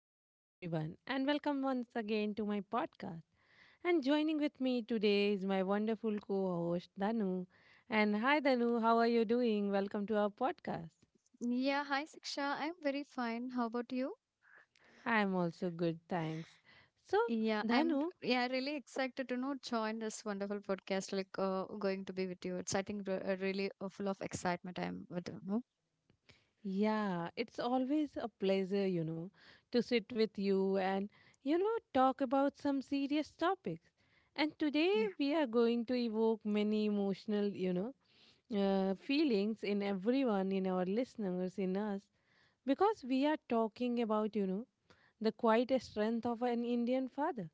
Hello, everyone, and welcome once again to my podcast. And joining with me today is my wonderful co host, Danu. And hi, Danu, how are you doing? Welcome to our podcast. Yeah, hi Siksha. I'm very fine. How about you? I'm also good, thanks. So, Yeah, I'm Danu, yeah really excited to know join this wonderful podcast. Like going to be with you. It's I think really full of excitement. I'm with you know. yeah, it's always a pleasure, you know, to sit with you and, talk about some serious topics. And today Yeah, we are going to evoke many emotional, feelings in everyone, in our listeners, in us because we are talking about the quiet strength of an Indian father.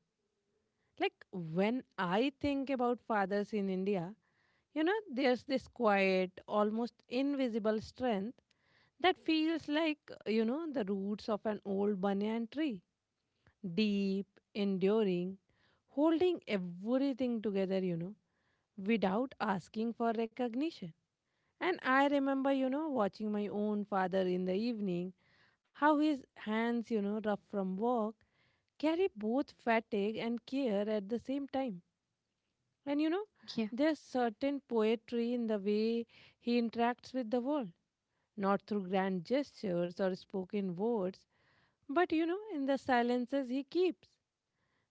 Like when I think about fathers in India, there's this quiet, almost invisible strength that feels like, the roots of an old banyan tree, deep, enduring, holding everything together, without asking for recognition. And I remember, watching my own father in the evening, how his hands, rough from work, carry both fatigue and care at the same time. And, yeah, there's certain poetry in the way he interacts with the world, not through grand gestures or spoken words, but, in the silences he keeps,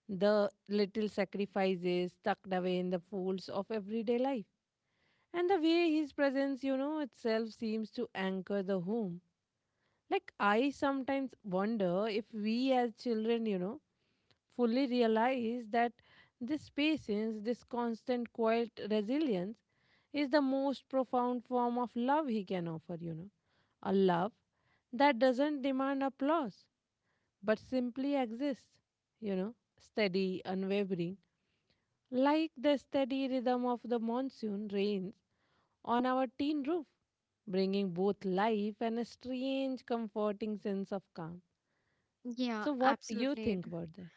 the little sacrifices tucked away in the folds of everyday life. And the way his presence, itself seems to anchor the home. Like, I sometimes wonder if we as children, fully realize that this patience, this constant, quiet resilience is the most profound form of love he can offer. A love that doesn't demand applause, but simply exists, you know, steady, unwavering, like the steady rhythm of the monsoon rains on our tin roof, bringing both life and a strange, comforting sense of calm. yeah. So what do you Absolutely. think about that?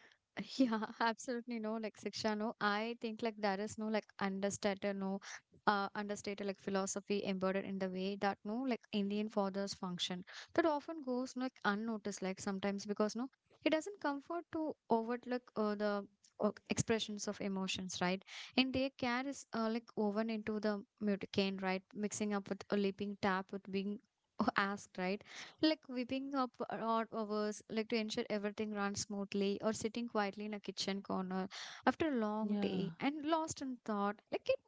Yeah, absolutely no like Siksha, no. I think like there is no like understated, no understated like philosophy embodied in the way that no like Indian fathers function. That often goes no, like unnoticed, like sometimes because no, it doesn't comfort to overlook the expressions of emotions, right? And their care is like woven into the mutane, right? Mixing up with a leaping tap with being asked, right? Like whipping up odd hours like to ensure everything runs smoothly, or sitting quietly in a kitchen corner after a long Yeah, day and lost in thought, like it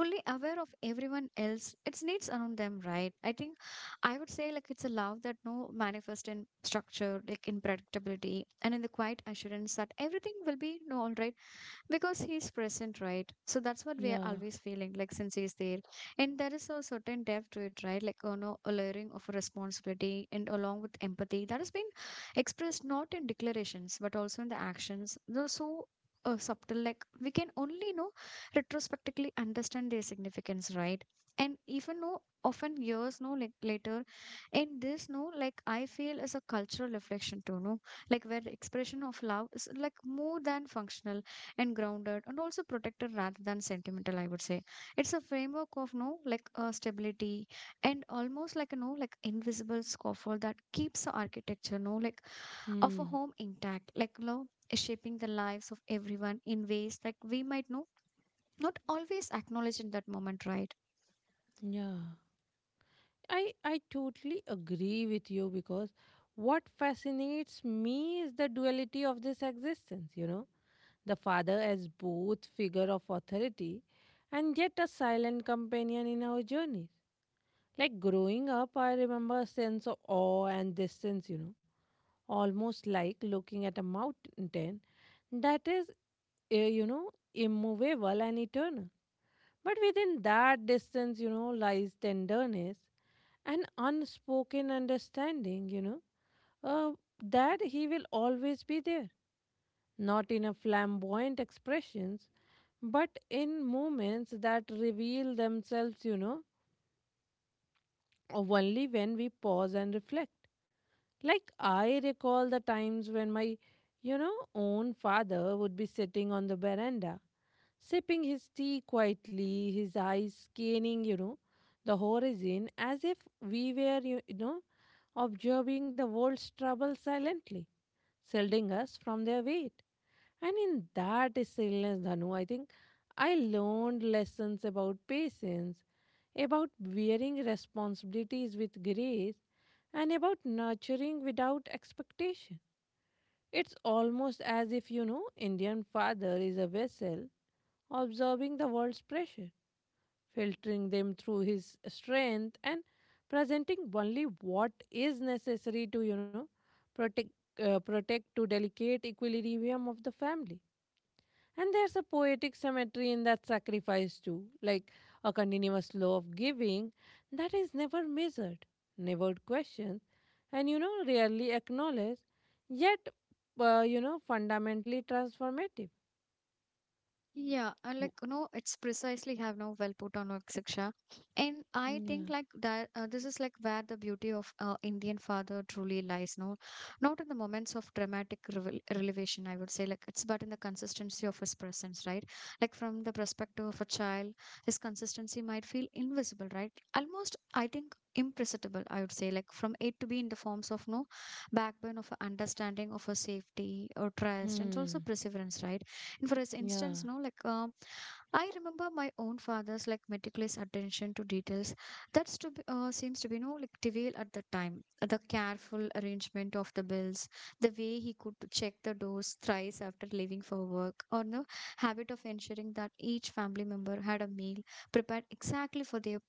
fully aware of everyone else its needs around them, right? I think I would say like it's a love that no manifest in structure, like in predictability and in the quiet assurance that everything will be, you know, all right, because he's present, right? So that's what we are yeah, always feeling, like since he's there. And there is a certain depth to it, right? Like, you know, a layering of responsibility and along with empathy that has been expressed not in declarations but also in the actions, though so subtle like we can only know retrospectively understand their significance, right? And even though often years no like later, in this no like I feel as a cultural reflection too, no, like where the expression of love is like more than functional and grounded and also protected rather than sentimental, I would say. It's a framework of no like stability and almost like a no like invisible scaffold that keeps the architecture no like of a hmm, home intact, like no, shaping the lives of everyone in ways like we might know not always acknowledge in that moment, right? yeah. I totally agree with you because what fascinates me is the duality of this existence, The father as both figure of authority and yet a silent companion in our journeys. Like growing up, I remember a sense of awe and distance, almost like looking at a mountain that is, immovable and eternal. But within that distance, lies tenderness, an unspoken understanding, uh, that he will always be there, not in a flamboyant expressions, but in moments that reveal themselves, only when we pause and reflect. Like I recall the times when my, own father would be sitting on the veranda sipping his tea quietly, his eyes scanning, the horizon as if we were, observing the world's trouble silently, shielding us from their weight. And in that stillness, Dhanu, I think I learned lessons about patience, about bearing responsibilities with grace, and about nurturing without expectation. It's almost as if, Indian father is a vessel observing the world's pressure, filtering them through his strength and presenting only what is necessary to, protect, to delicate equilibrium of the family. And there's a poetic symmetry in that sacrifice too, like a continuous flow of giving that is never measured, never questioned, and rarely acknowledged, yet, fundamentally transformative. Yeah, like W- you know, it's precisely have now well put on work, Siksha. And I Yeah. think like that this is like where the beauty of Indian father truly lies. No, not in the moments of dramatic revelation, I would say, like it's but in the consistency of his presence, right? Like from the perspective of a child, his consistency might feel invisible, right? Almost, I think imperceptible, I would say, like from a to b, in the forms of no backbone of a understanding of a safety or trust, and it's also Hmm. perseverance, right? And for Yeah. instance no like I remember my own father's like meticulous attention to details that's to seems to be no like trivial at the time, the careful arrangement of the bills, the way he could check the doors thrice after leaving for work, or no habit of ensuring that each family member had a meal prepared exactly for their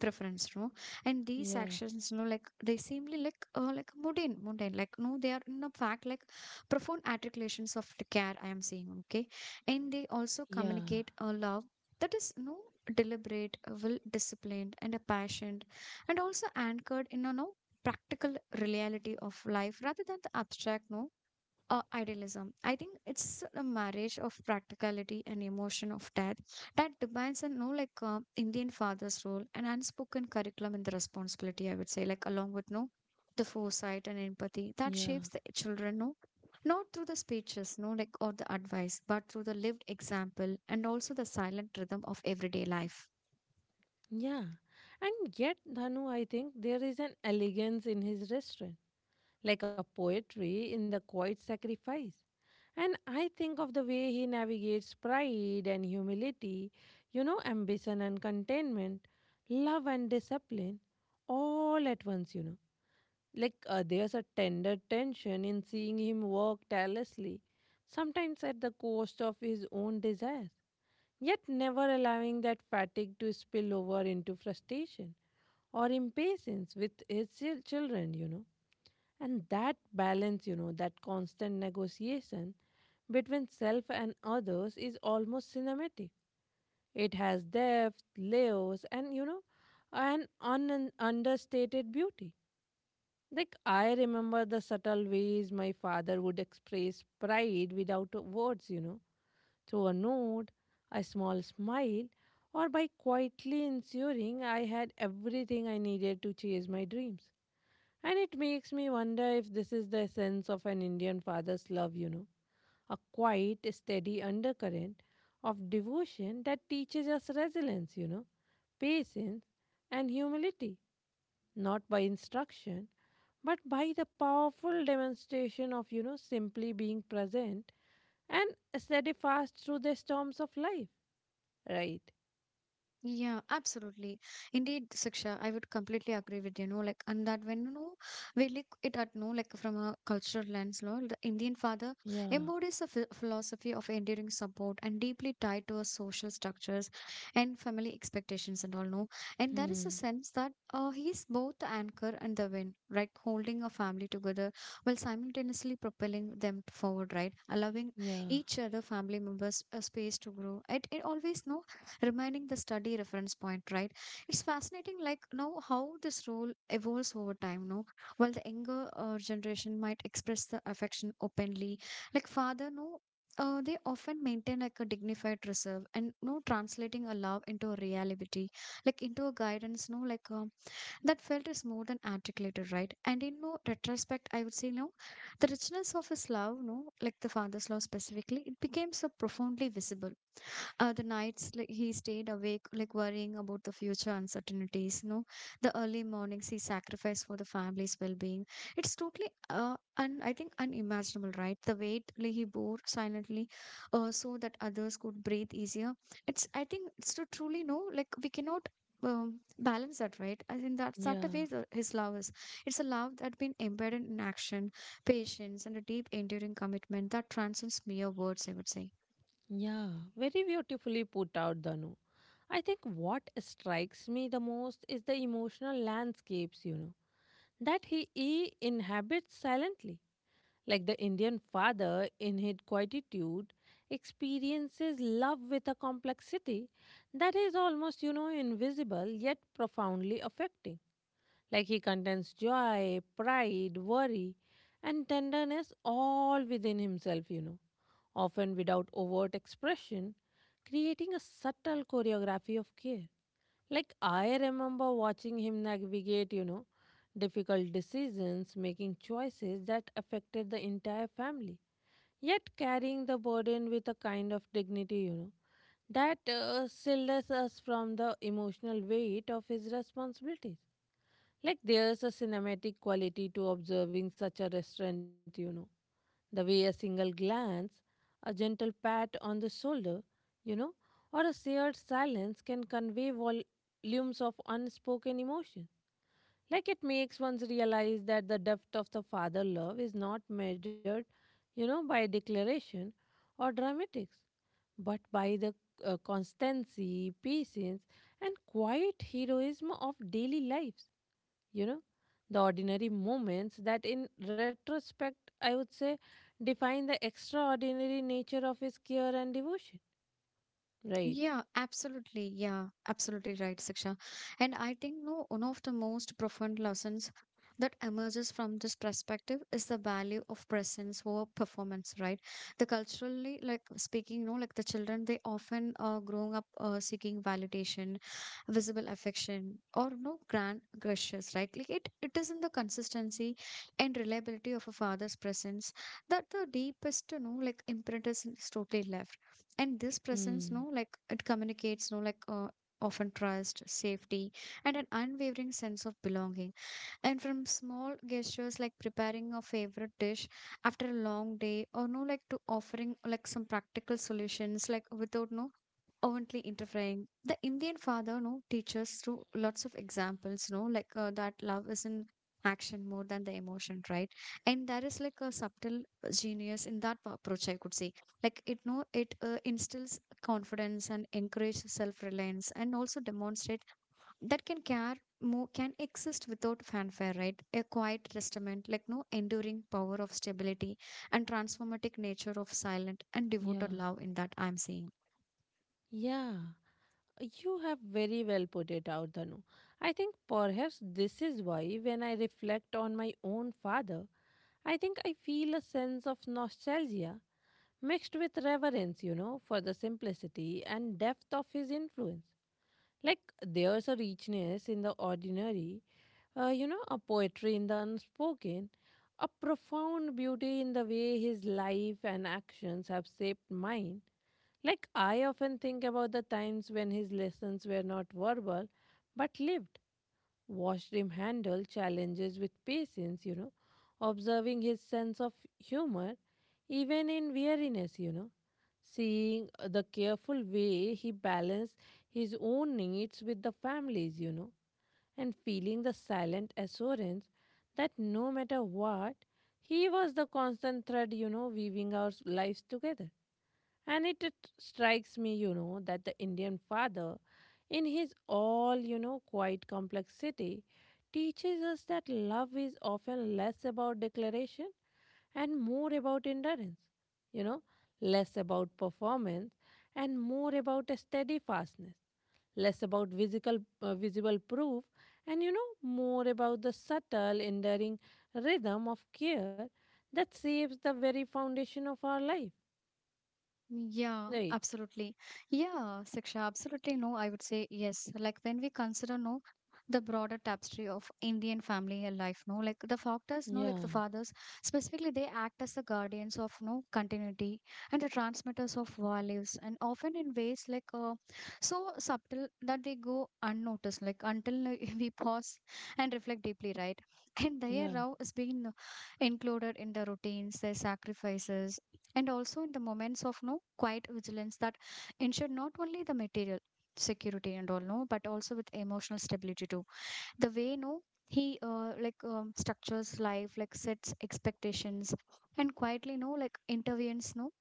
preference, no. And these Yeah. actions no like they seemly like mundane like no, they are in a fact like profound articulations of the care I am seeing, okay? And they also Yeah. communicate a love that is no deliberate, well disciplined and a passionate, and also anchored in a no practical reality of life rather than the abstract no idealism. I think it's a marriage of practicality and emotion of dad that defines and no like Indian father's role and unspoken curriculum in the responsibility. I would say like along with no the foresight and empathy that Yeah. shapes the children. No, not through the speeches, no like or the advice, but through the lived example and also the silent rhythm of everyday life. Yeah. And yet, Dhanu, I think there is an elegance in his restraint, like a poetry in the quiet sacrifice. And I think of the way he navigates pride and humility, ambition and contentment, love and discipline, all at once, there's a tender tension in seeing him work tirelessly, sometimes at the cost of his own desires, yet never allowing that fatigue to spill over into frustration or impatience with his children, And that balance, that constant negotiation between self and others is almost cinematic. It has depth, layers, and, an understated beauty. Like, I remember the subtle ways my father would express pride without words, through a nod, a small smile, or by quietly ensuring I had everything I needed to chase my dreams. And it makes me wonder if this is the essence of an Indian father's love, a quiet, steady undercurrent of devotion that teaches us resilience, patience, and humility, not by instruction, but by the powerful demonstration of, simply being present and steadfast through the storms of life, right? Yeah, absolutely. Indeed, Siksha, I would completely agree with you, know, like, and that when, you know, we look it at, no, like, from a cultural lens, no, the Indian father Yeah. embodies a ph philosophy of enduring support and deeply tied to our social structures and family expectations and all, no. And there is a Hmm. sense that he is both the anchor and the wind, right, holding a family together while simultaneously propelling them forward, right, allowing Yeah. each other family members a space to grow. It always, no, reminding the study reference point, right? It's fascinating, like, now how this role evolves over time, no? While the younger generation might express the affection openly, like, father, no? They often maintain like a dignified reserve and no translating a love into a reality, like into a guidance no like that felt is more than articulated, right? And in no retrospect I would say no, the richness of his love no like the father's love specifically, it becomes so profoundly visible. The nights like he stayed awake like worrying about the future uncertainties, no, the early mornings he sacrificed for the family's well-being, it's totally and I think unimaginable, right? The weight like he bore silently so that others could breathe easier. It's I think it's to truly know like we cannot balance that, right? I think that's that the way Yeah. the, his love is. It's a love that been embedded in action, patience and a deep enduring commitment that transcends mere words, I would say. Yeah. Very beautifully put out, Danu. I think what strikes me the most is the emotional landscapes, that he inhabits silently. Like the Indian father, in his quietude, experiences love with a complexity that is almost, invisible yet profoundly affecting. Like he contains joy, pride, worry, and tenderness all within himself, often without overt expression, creating a subtle choreography of care. Like, I remember watching him navigate, difficult decisions, making choices that affected the entire family, yet carrying the burden with a kind of dignity, that shields us from the emotional weight of his responsibilities. Like, there's a cinematic quality to observing such a restraint, the way a single glance, a gentle pat on the shoulder, you know, or a shared silence can convey volumes of unspoken emotion. Like it makes one realize that the depth of the father love is not measured, by declaration or dramatics, but by the constancy, patience, and quiet heroism of daily lives you know the ordinary moments that in retrospect I would say define the extraordinary nature of his care and devotion, right? Yeah, absolutely. Yeah, absolutely right, Siksha. And I think no, one of the most profound lessons that emerges from this perspective is the value of presence over performance, right? The culturally, like speaking, no, like the children, they often growing up seeking validation, visible affection, or no grand gestures, right? Like it is in the consistency and reliability of a father's presence, that the deepest, you know, like imprint is totally left. And this presence no Mm, like it communicates no like often trust safety and an unwavering sense of belonging. And from small gestures like preparing a favorite dish after a long day, or no like to offering like some practical solutions like without no overtly interfering. The Indian father, no, teaches through lots of examples, no, like that love is in action more than the emotion, right? And there is like a subtle genius in that approach, I could say. Like it, no, it instills confidence and encourages self-reliance, and also demonstrate that can care more can exist without fanfare, right? A quiet testament, like no enduring power of stability and transformative nature of silent and devoted yeah, love in that I'm saying. yeah. You have very well put it out, Danu. I think perhaps this is why when I reflect on my own father, I think I feel a sense of nostalgia mixed with reverence, you know, for the simplicity and depth of his influence. Like there's a richness in the ordinary, a poetry in the unspoken, a profound beauty in the way his life and actions have shaped mine. Like, I often think about the times when his lessons were not verbal but lived, watched him handle challenges with patience, observing his sense of humor even in weariness, seeing the careful way he balanced his own needs with the family's, and feeling the silent assurance that no matter what, he was the constant thread, weaving our lives together. And it strikes me, that the Indian father, in his all, quiet complexity, teaches us that love is often less about declaration and more about endurance, you know, less about performance and more about a steadfastness, less about physical, visible proof, and more about the subtle, enduring rhythm of care that shapes the very foundation of our life, Yeah, right? absolutely. Yeah, Siksha, absolutely no. I would say yes. Like when we consider no the broader tapestry of Indian family life, no, like the fathers, no, like the Yeah, fathers specifically, they act as the guardians of no continuity and the transmitters of values, and often in ways like so subtle that they go unnoticed, like until we pause and reflect deeply, right? And their yeah, row is being included in the routines, their sacrifices, and also in the moments of no quiet vigilance that ensure not only the material security and all no, but also with emotional stability too. The way no he like structures life, like sets expectations and quietly no like intervenes no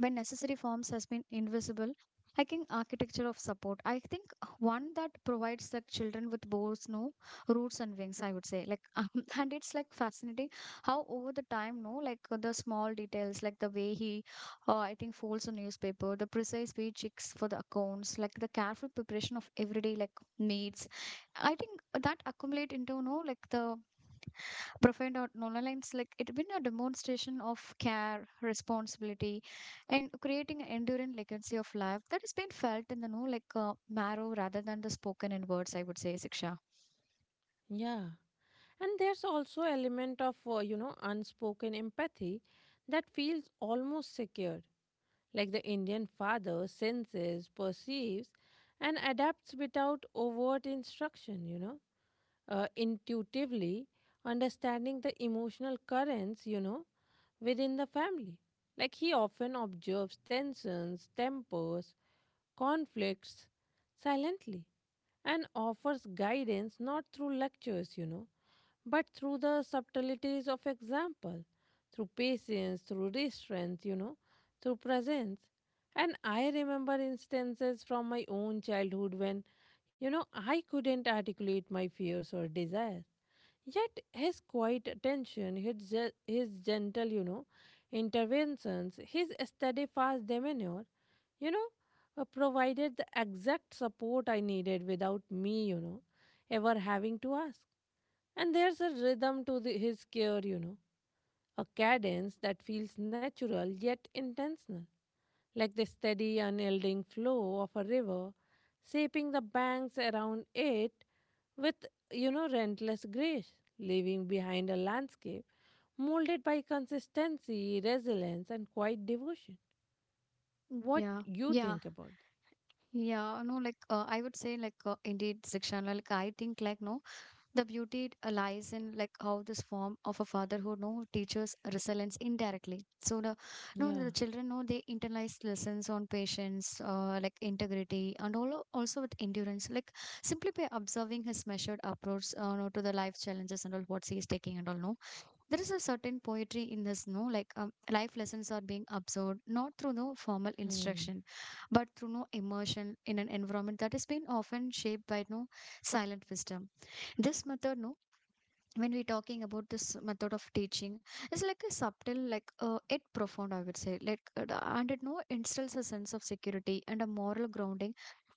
when necessary forms has been invisible, I think architecture of support, I think, one that provides the children with both no roots and wings, I would say, like and it's like fascinating how over the time no like the small details like the way he I think folds a newspaper, the precise way checks for the accounts, like the careful preparation of everyday like needs, I think that accumulate into no like the profound out no, no, lines like it been a demonstration of care, responsibility, yeah, and creating an enduring legacy of life that has been felt in the know like marrow rather than the spoken in words, I would say, Siksha. yeah. And there's also element of unspoken empathy that feels almost secured, like the Indian father senses, perceives, and adapts without overt instruction. Intuitively understanding the emotional currents, within the family. Like he often observes tensions, tempers, conflicts silently and offers guidance not through lectures, but through the subtleties of example, through patience, through restraint, through presence. And I remember instances from my own childhood when, I couldn't articulate my fears or desires. Yet his quiet attention, his gentle, interventions, his steadfast demeanor, you know, provided the exact support I needed without me, ever having to ask. And there's a rhythm to his care, a cadence that feels natural yet intentional, like the steady, unyielding flow of a river, shaping the banks around it with, relentless grace, leaving behind a landscape molded by consistency, resilience, and quiet devotion. What Yeah, you yeah, think about it? yeah. No, like I would say, like indeed, Sikshan. Like I think, like no, the beauty lies in like how this form of a fatherhood no teaches resilience indirectly. So the no Yeah. the children know they internalize lessons on patience, like integrity, and all also with endurance. Like simply by observing his measured approach, no, to the life challenges and all what he is taking and all no there is a certain poetry in this no life lessons are being absorbed not through no formal Hmm. instruction but through no immersion in an environment that has been often shaped by no silent wisdom. This method no, when we're talking about this method of teaching, it's like a subtle yet profound I would say like the- and it no instills a sense of security and a moral grounding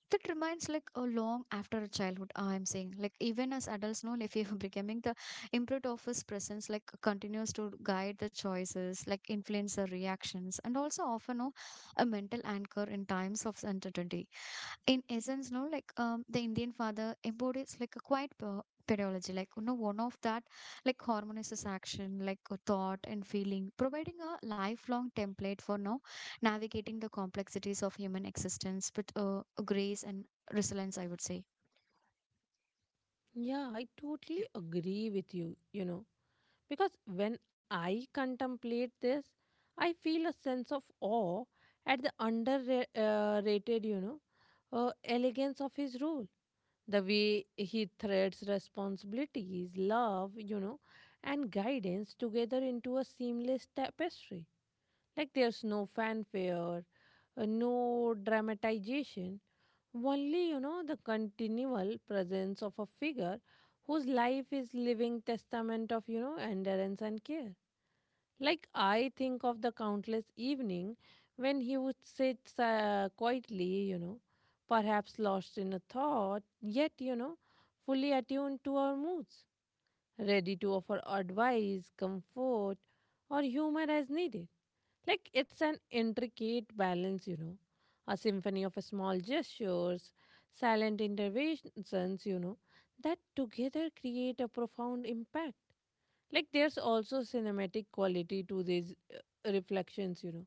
that remains like a long after a childhood, I'm saying, like even as adults know if you're becoming the imprint of his presence, like continues to guide the choices, like influence the reactions and also often no, a mental anchor in times of uncertainty. In essence no like the Indian father embodies like a quiet pedagogy, like you know, one of that like harmonizes action like a thought and feeling, providing a lifelong template for now navigating the complexities of human existence with grace and resilience I would say. Yeah, I Yeah, totally agree with you, because when I contemplate this, I feel a sense of awe at the underrated, elegance of his role. The way he threads responsibilities, love, and guidance together into a seamless tapestry. Like there's no fanfare, no dramatization, only, the continual presence of a figure whose life is living testament of, endurance and care. Like I think of the countless evening when he would sit quietly, perhaps lost in a thought, yet, fully attuned to our moods, ready to offer advice, comfort, or humor as needed. Like it's an intricate balance, a symphony of small gestures, silent interventions, that together create a profound impact. Like there's also cinematic quality to these reflections,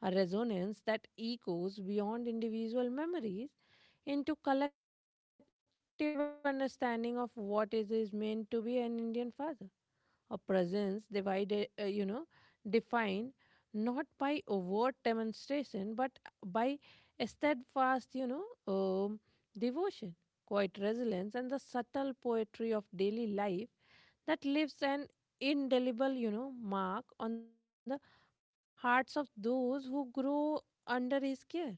a resonance that echoes beyond individual memories into collective understanding of what is meant to be an Indian father, a presence divided, defined not by overt demonstration but by a steadfast, um, devotion, quiet resilience, and the subtle poetry of daily life that leaves an indelible, mark on the hearts of those who grow under his care,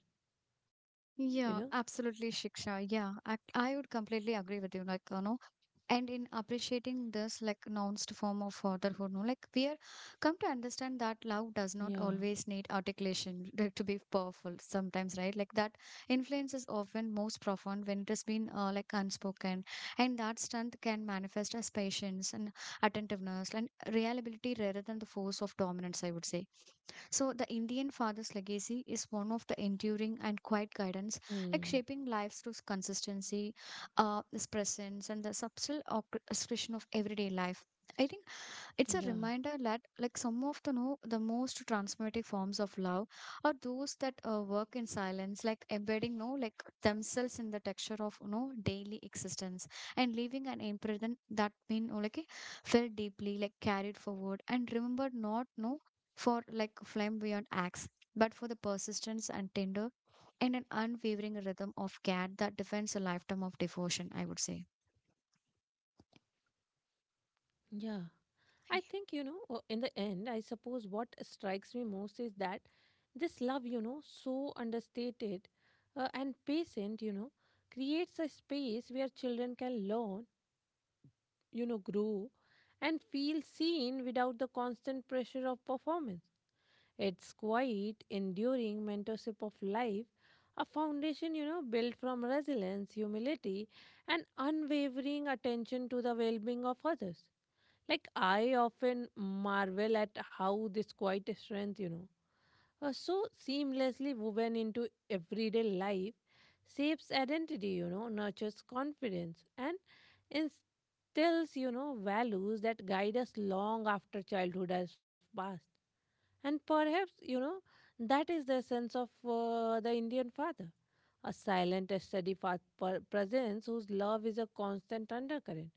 you know. yeah, absolutely, Shiksha. Yeah, I would completely agree with you, like you know, and in appreciating this like nounced form of fatherhood no, like we are come to understand that love does not always Yeah. need articulation, like, to be powerful sometimes right, like that influence is often most profound when it has been like unspoken, and that strength can manifest as patience and attentiveness and reliability rather than the force of dominance I would say. So the Indian father's legacy is one of the enduring and quiet guidance, like shaping lives through Hmm. consistency, his presence and the subtle expression of everyday life. I think it's a reminder that, like some of the Yeah. know, the most transformative forms of love are those that work in silence, like embedding, no, like themselves in the texture of, you know, daily existence, and leaving an imprint that been, oh, like eh, felt deeply, like carried forward and remembered not, no, for like flamboyant acts, but for the persistence and tender and an unwavering rhythm of care that defends a lifetime of devotion, I would say. Yeah. I think, in the end, I suppose what strikes me most is that this love, so understated and patient, creates a space where children can learn, grow and feel seen without the constant pressure of performance. It's quite enduring mentorship of life, a foundation, built from resilience, humility, and unwavering attention to the well being of others. Like, I often marvel at how this quiet strength, are so seamlessly woven into everyday life, shapes identity, nurtures confidence, and tells values that guide us long after childhood has passed. And perhaps that is the sense of the Indian father, a silent and steady presence whose love is a constant undercurrent,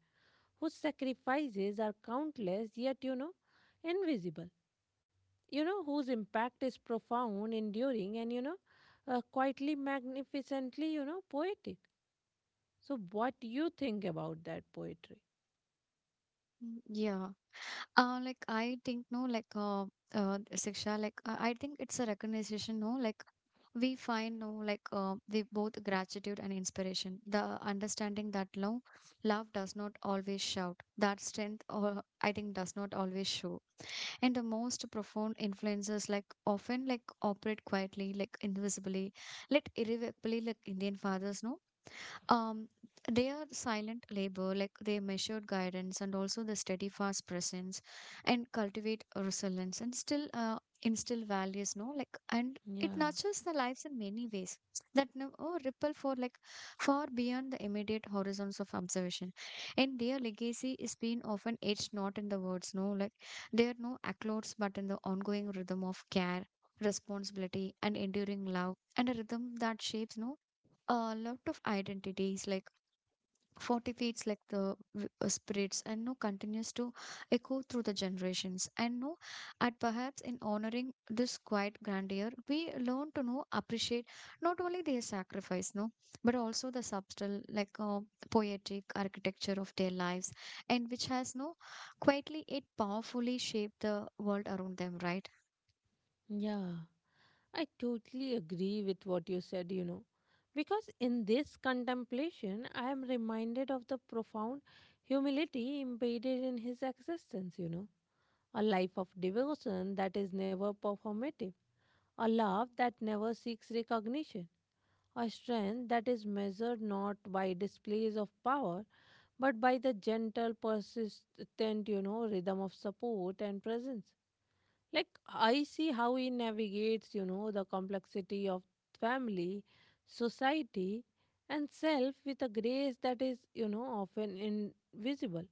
whose sacrifices are countless yet invisible, whose impact is profound, enduring, and quietly, magnificently poetic. So what do you think about that poetry? Mm, yeah. Like I think no, like Siksha, I think it's a recognition, no, like we find no, like the both gratitude and inspiration, the understanding that love, love does not always shout, that strength, or I think does not always show, and the most profound influences, like often like operate quietly, like invisibly, let irrevocably, like Indian fathers, no um, they are silent labor, like they measured guidance and also the steady fast presence and cultivate resilience and still instill values, no? Like, and it Yeah. nurtures the lives in many ways that now oh, ripple for like far beyond the immediate horizons of observation. And their legacy is being often etched not in the words, no? Like, they are no accolades but in the ongoing rhythm of care. Responsibility and enduring love, and a rhythm that shapes no a lot of identities like 40 feet like the spirits and no continues to echo through the generations and no at perhaps in honoring this quiet grandeur we learn to know appreciate not only their sacrifice no but also the subtle poetic architecture of their lives and which has no quietly it powerfully shaped the world around them, right? Yeah, I totally agree with what you said, because in this contemplation, I am reminded of the profound humility embedded in his existence, a life of devotion that is never performative, a love that never seeks recognition, a strength that is measured not by displays of power but by the gentle, persistent, rhythm of support and presence. Like, I see how he navigates, the complexity of family, society, and self with a grace that is, often invisible,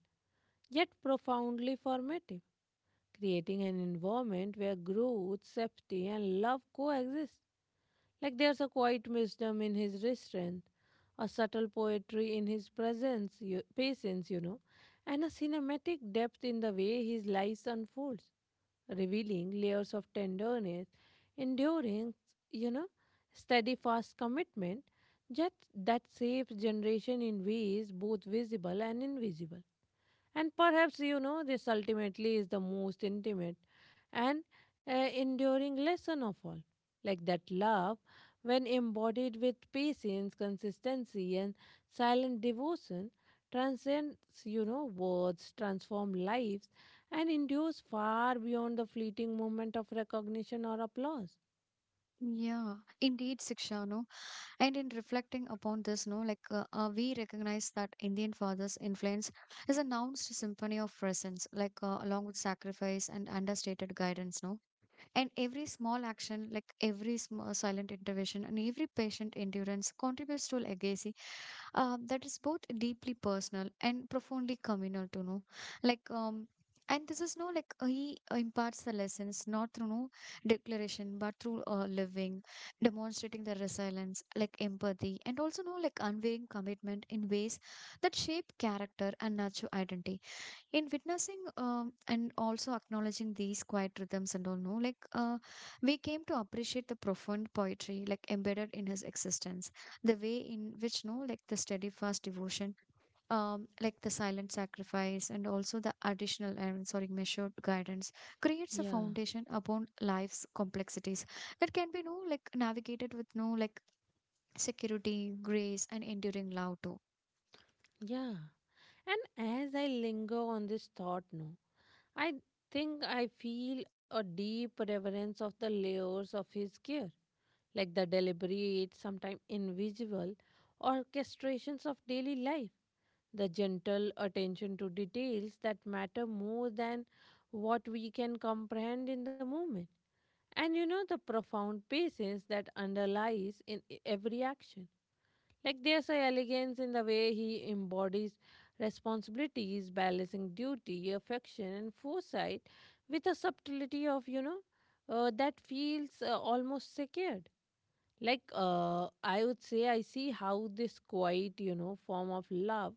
yet profoundly formative, creating an environment where growth, safety, and love coexist. Like, there's a quiet wisdom in his restraint, a subtle poetry in his presence, you, patience, and a cinematic depth in the way his life unfolds, revealing layers of tenderness, endurance, you know, steadfast commitment that shapes generation in ways both visible and invisible. And perhaps, this ultimately is the most intimate and enduring lesson of all. Like that love, when embodied with patience, consistency, and silent devotion, transcends, words, transform lives, and endures far beyond the fleeting moment of recognition or applause. Yeah, indeed, Siksha. No, and in reflecting upon this, no, like we recognize that Indian fathers' influence is a announced symphony of presence, along with sacrifice and understated guidance, no. And every small action, like every silent intervention and every patient endurance, contributes to legacy that is both deeply personal and profoundly communal to know, like and this is no like he imparts the lessons not through no declaration but through living, demonstrating the resilience like empathy and also no like unwavering commitment in ways that shape character and nurture identity. In witnessing and also acknowledging these quiet rhythms and all no like we came to appreciate the profound poetry like embedded in his existence, the way in which no like the steadfast devotion, like the silent sacrifice and also the additional and sorry measured guidance creates a Yeah. foundation upon life's complexities that can be no like navigated with no like security grace and enduring love too. Yeah. And as I linger on this thought, no, I think I feel a deep reverence of the layers of his care, like the deliberate, sometimes invisible, orchestrations of daily life, the gentle attention to details that matter more than what we can comprehend in the moment. And the profound patience that underlies in every action. Like there's a elegance in the way he embodies responsibilities, balancing duty, affection, and foresight with a subtlety of, that feels almost secured. Like I would say, I see how this quiet, form of love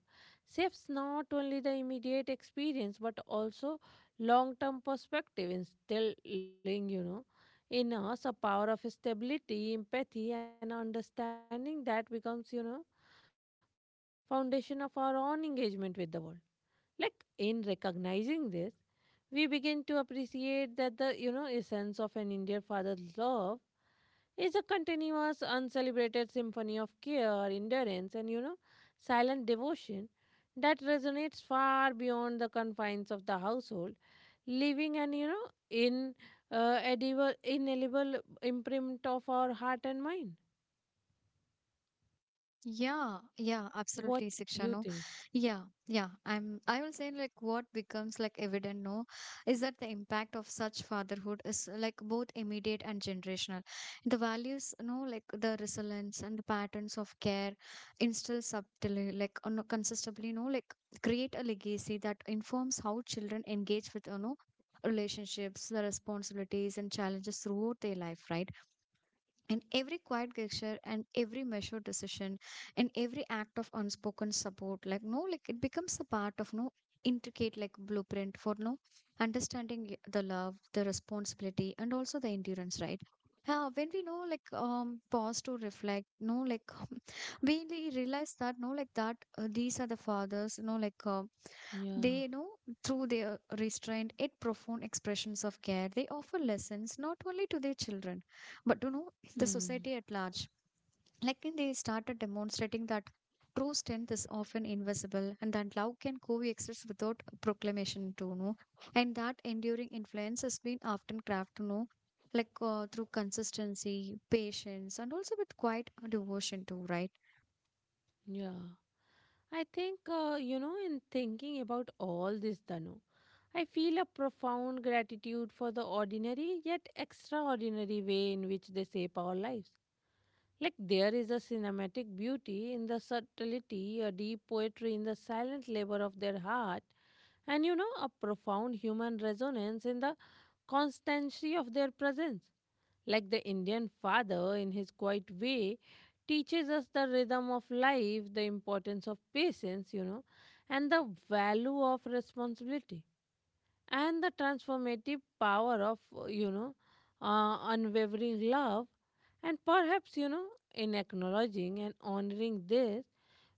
shapes not only the immediate experience but also long-term perspective, instilling, in us a power of stability, empathy, and understanding that becomes, foundation of our own engagement with the world. Like in recognizing this, we begin to appreciate that the essence of an Indian father's love is a continuous, uncelebrated symphony of care, endurance, and silent devotion that resonates far beyond the confines of the household, leaving an in edible, inalienable imprint of our heart and mind. Yeah, yeah, What absolutely, Siksha. you No, think? yeah, yeah. I will say like what becomes like evident. No, is that the impact of such fatherhood is like both immediate and generational. The values, no, like the resilience and the patterns of care, instill subtly, no, consistently, no, like create a legacy that informs how children engage with, you know, relationships, the responsibilities and challenges throughout their life, right? In every quiet gesture and every measured decision and every act of unspoken support, like no like it becomes a part of no intricate like blueprint for no understanding the love the responsibility and also the endurance right. When we know like pause to reflect no like we really realize that no like that these are the fathers no like they Yeah. know through their restrained yet profound expressions of care, they offer lessons not only to their children, but to know the Hmm. society at large. Like when they started demonstrating that true strength is often invisible and that love can coexist without proclamation to know, and that enduring influence has been often crafted to know, through consistency, patience, and also with quiet devotion too, right? Yeah. I think, in thinking about all this, Danu, I feel a profound gratitude for the ordinary yet extraordinary way in which they shape our lives. Like there is a cinematic beauty in the subtlety, a deep poetry in the silent labor of their heart, and a profound human resonance in the constancy of their presence. Like the Indian father, in his quiet way, teaches us the rhythm of life, the importance of patience, and the value of responsibility, and the transformative power of, unwavering love. And perhaps, in acknowledging and honoring this,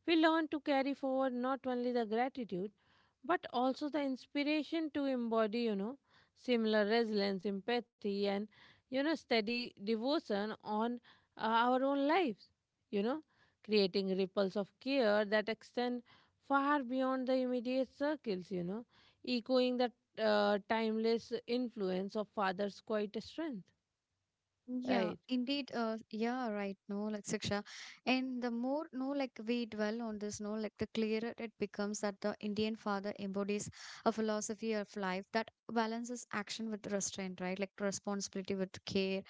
we learn to carry forward not only the gratitude but also the inspiration to embody, similar resilience, empathy, and, steady devotion on our own lives, you know, creating ripples of care that extend far beyond the immediate circles, echoing the timeless influence of Father's quiet strength. Yeah, Right. indeed. Yeah, right. No, like Siksha. And the more, no, like we dwell on this, no, like the clearer it becomes that the Indian father embodies a philosophy of life that balances action with restraint, right? Like responsibility with care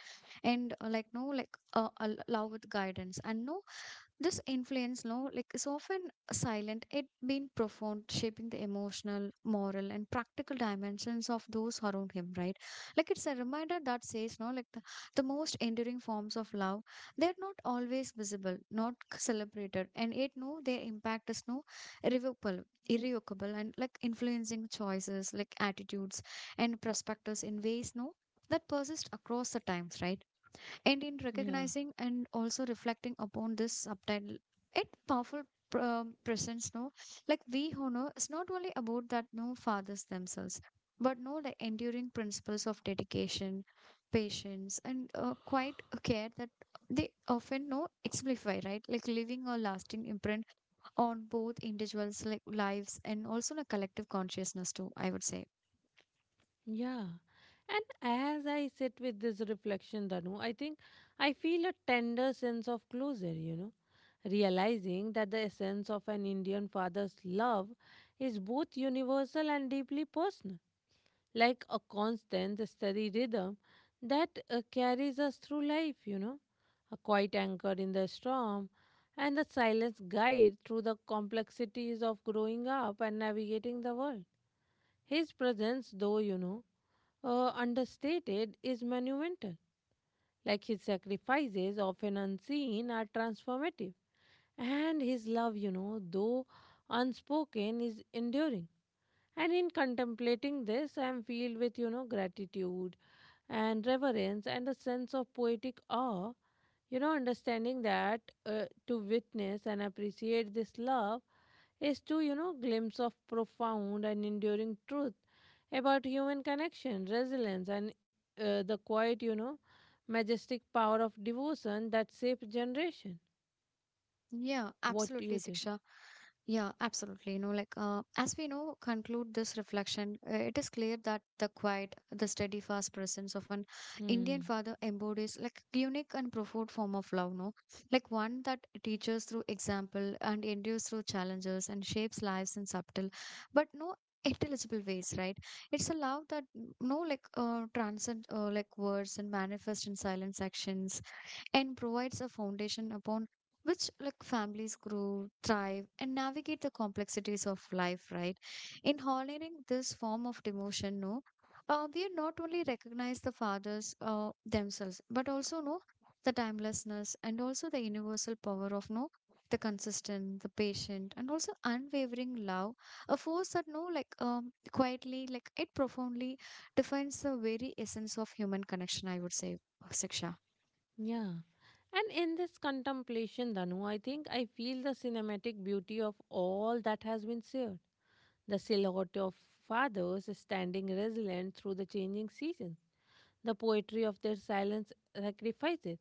and like, no, like al- allow with guidance. And no, this influence, no, like is often silent, it being profound, shaping the emotional, moral, and practical dimensions of those around him, right? Like it's a reminder that says, no, like the most enduring forms of love, they're not always visible, not celebrated, and yet no, their impact is no irrevocable, and like influencing choices, like attitudes and perspectives in ways, no, that persist across the times, right? And in Yeah. recognizing and also reflecting upon this subtitle, it powerful presence, no? Like we honor is not only about that no fathers themselves, but no the enduring principles of dedication, patience, and quite care that they often no exemplify, right? Like leaving a lasting imprint on both individuals' like lives and also in a collective consciousness too. I would say. Yeah. And as I sit with this reflection, Danu, I think I feel a tender sense of closure, realizing that the essence of an Indian father's love is both universal and deeply personal, like a constant, steady rhythm that carries us through life, a quiet anchor in the storm and a silent guide through the complexities of growing up and navigating the world. His presence, though, understated, is monumental. Like his sacrifices, often unseen, are transformative. And his love, though unspoken, is enduring. And in contemplating this, I am filled with, gratitude and reverence and a sense of poetic awe. Understanding that uh, to witness and appreciate this love is to, glimpse of profound and enduring truth about human connection, resilience, and the quiet, majestic power of devotion that shapes generation. Yeah, What do absolutely, you think? Siksha. Yeah, absolutely. You know, as we know, conclude this reflection, it is clear that the quiet, the steady, fast presence of an Indian Hmm. father embodies like unique and profound form of love, no? Like one that teaches through example and endures through challenges and shapes lives in subtle, but no intelligible ways, right? It's a love that mm, no like transcend like words and manifest in silence actions and provides a foundation upon which like families grow thrive and navigate the complexities of life, right? In honoring this form of devotion no we not only recognize the fathers themselves but also no the timelessness and also the universal power of no the consistent the patient and also unwavering love, a force that no like quietly like it profoundly defines the very essence of human connection I would say, Siksha. Yeah. And in this contemplation, Danu, I think I feel the cinematic beauty of all that has been shared. The silhouette of fathers standing resilient through the changing seasons, the poetry of their silent sacrifices,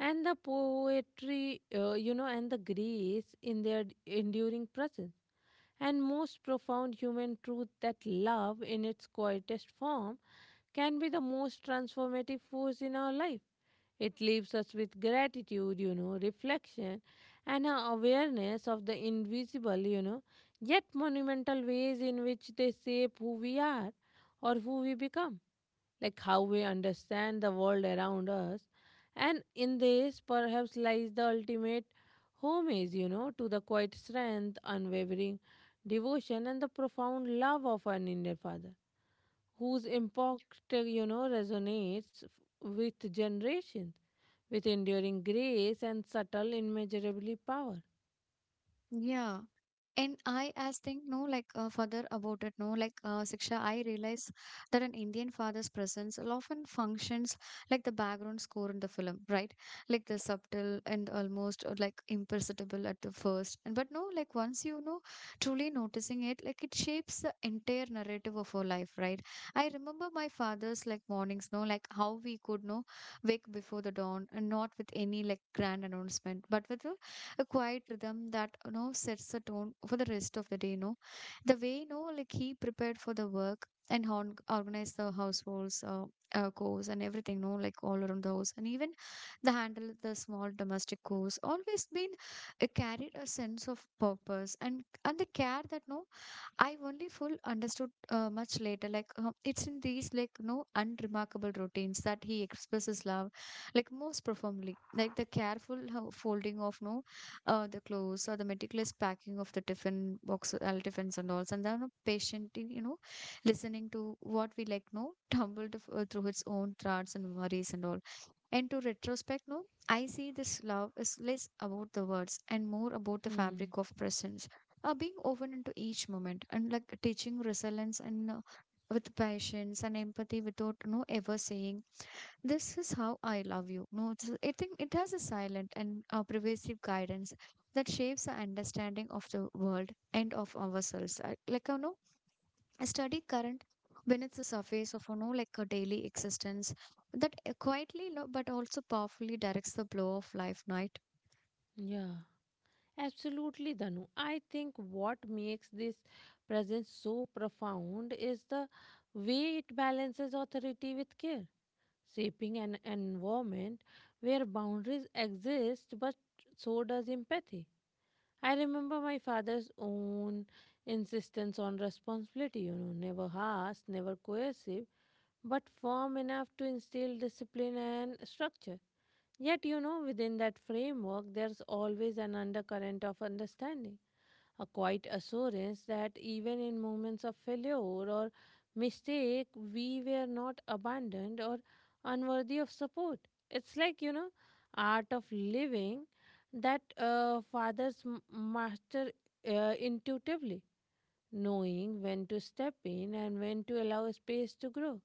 and the poetry, and the grace in their enduring presence. And most profound human truth that love, in its quietest form, can be the most transformative force in our life. It leaves us with gratitude, reflection, and an awareness of the invisible, yet monumental ways in which they shape who we are or who we become, like how we understand the world around us. And in this, perhaps, lies the ultimate homage, to the quiet strength, unwavering devotion, and the profound love of an Indian father, whose impact, resonates with generations, with enduring grace and subtle, immeasurably power. Yeah. And I as think no like further about it no like Siksha, I realize that an Indian father's presence often functions like the background score in the film right, like the subtle and almost like imperceptible at the first, and but no like once you know truly noticing it, like it shapes the entire narrative of our life right. I remember my father's like mornings no, like how we could no wake before the dawn, and not with any like grand announcement but with a quiet rhythm that you know sets the tone for the rest of the day, you know, the way you know like he prepared for the work and organized the households chores and everything no like all around the house, and even the handle the small domestic chores always been carried a sense of purpose and the care that no I have only full understood much later. It's in these like no unremarkable routines that he expresses love, like most profoundly. Like the careful folding of no, the clothes or the meticulous packing of the tiffins and all, and then no, patiently you know listening to what we like no tumbled through its own thoughts and worries and all. And to retrospect, no, I see this love is less about the words and more about the Hmm. fabric of presence, being woven into each moment and like teaching resilience and with patience and empathy without no ever saying this is how I love you. No, it's, I think it has a silent and pervasive guidance that shapes our understanding of the world and of ourselves. Like you know, I study current beneath the surface of, you know, like a daily existence that quietly but also powerfully directs the flow of life, right? Yeah. Absolutely, Danu. I think what makes this presence so profound is the way it balances authority with care, shaping an environment where boundaries exist, but so does empathy. I remember my father's own insistence on responsibility, never harsh, never coercive, but firm enough to instill discipline and structure. Yet, within that framework, there's always an undercurrent of understanding, a quiet assurance that even in moments of failure or mistake, we were not abandoned or unworthy of support. It's like, art of living that fathers master intuitively, knowing when to step in and when to allow space to grow,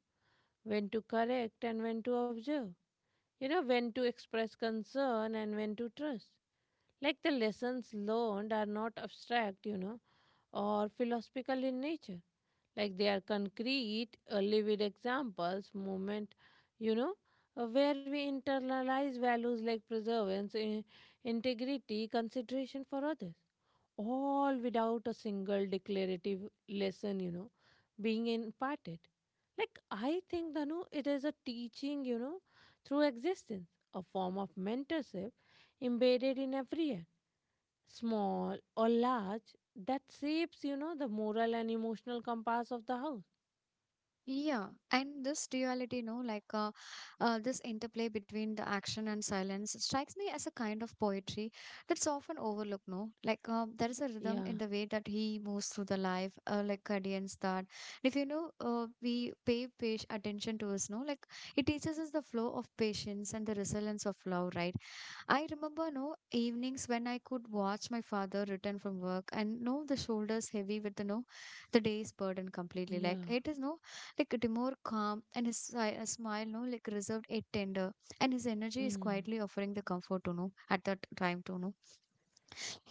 when to correct and when to observe, when to express concern and when to trust. Like the lessons learned are not abstract, or philosophical in nature. Like they are concrete, living examples, moment, you know, where we internalize values like perseverance, integrity, consideration for others, all without a single declarative lesson, being imparted. Like I think, Danu, it is a teaching, through existence, a form of mentorship embedded in every act, small or large, that shapes, the moral and emotional compass of the house. Yeah, and this duality, like this interplay between the action and silence strikes me as a kind of poetry that's often overlooked, no? Like there is a rhythm Yeah, in the way that he moves through the life, like cadence that if you know, we pay page attention to us, no? Like it teaches us the flow of patience and the resilience of love, right? I remember no evenings when I could watch my father return from work and know the shoulders heavy with the no the day's burden completely. Like yeah, it is no like the more calm and his a smile no like reserved it tender, and his energy is mm, quietly offering the comfort to know at that time to know.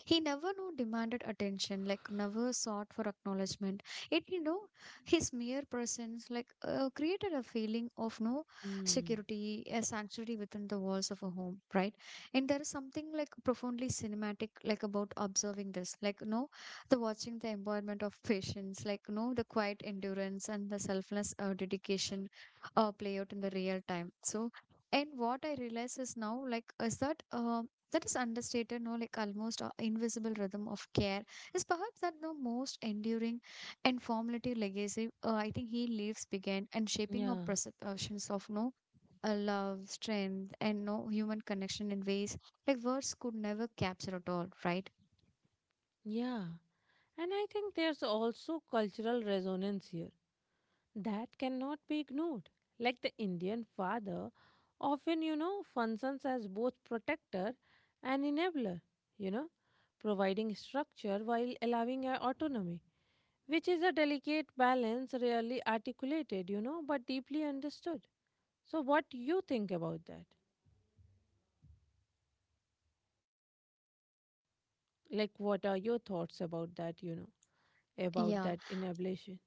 He never no demanded attention, like never sought for acknowledgement. It you know, his mere presence like created a feeling of no mm, security, a sanctuary within the walls of a home, right? And there is something like profoundly cinematic, like about observing this, like no, the watching the embodiment of patience, like no, the quiet endurance and the selfless dedication, play out in the real time. So. And what I realize is now, like, is that that is understated no like almost invisible rhythm of care is perhaps that the most enduring and formative legacy I think he leaves behind and shaping our yeah, perceptions of no love strength and no human connection in ways like words could never capture at all, right. yeah. And I think there's also cultural resonance here that cannot be ignored. Like the Indian father often, functions as both protector and enabler, you know, providing structure while allowing autonomy, which is a delicate balance rarely articulated, but deeply understood. So, what you think about that? Like, what are your thoughts about that, about Yeah, that inablation?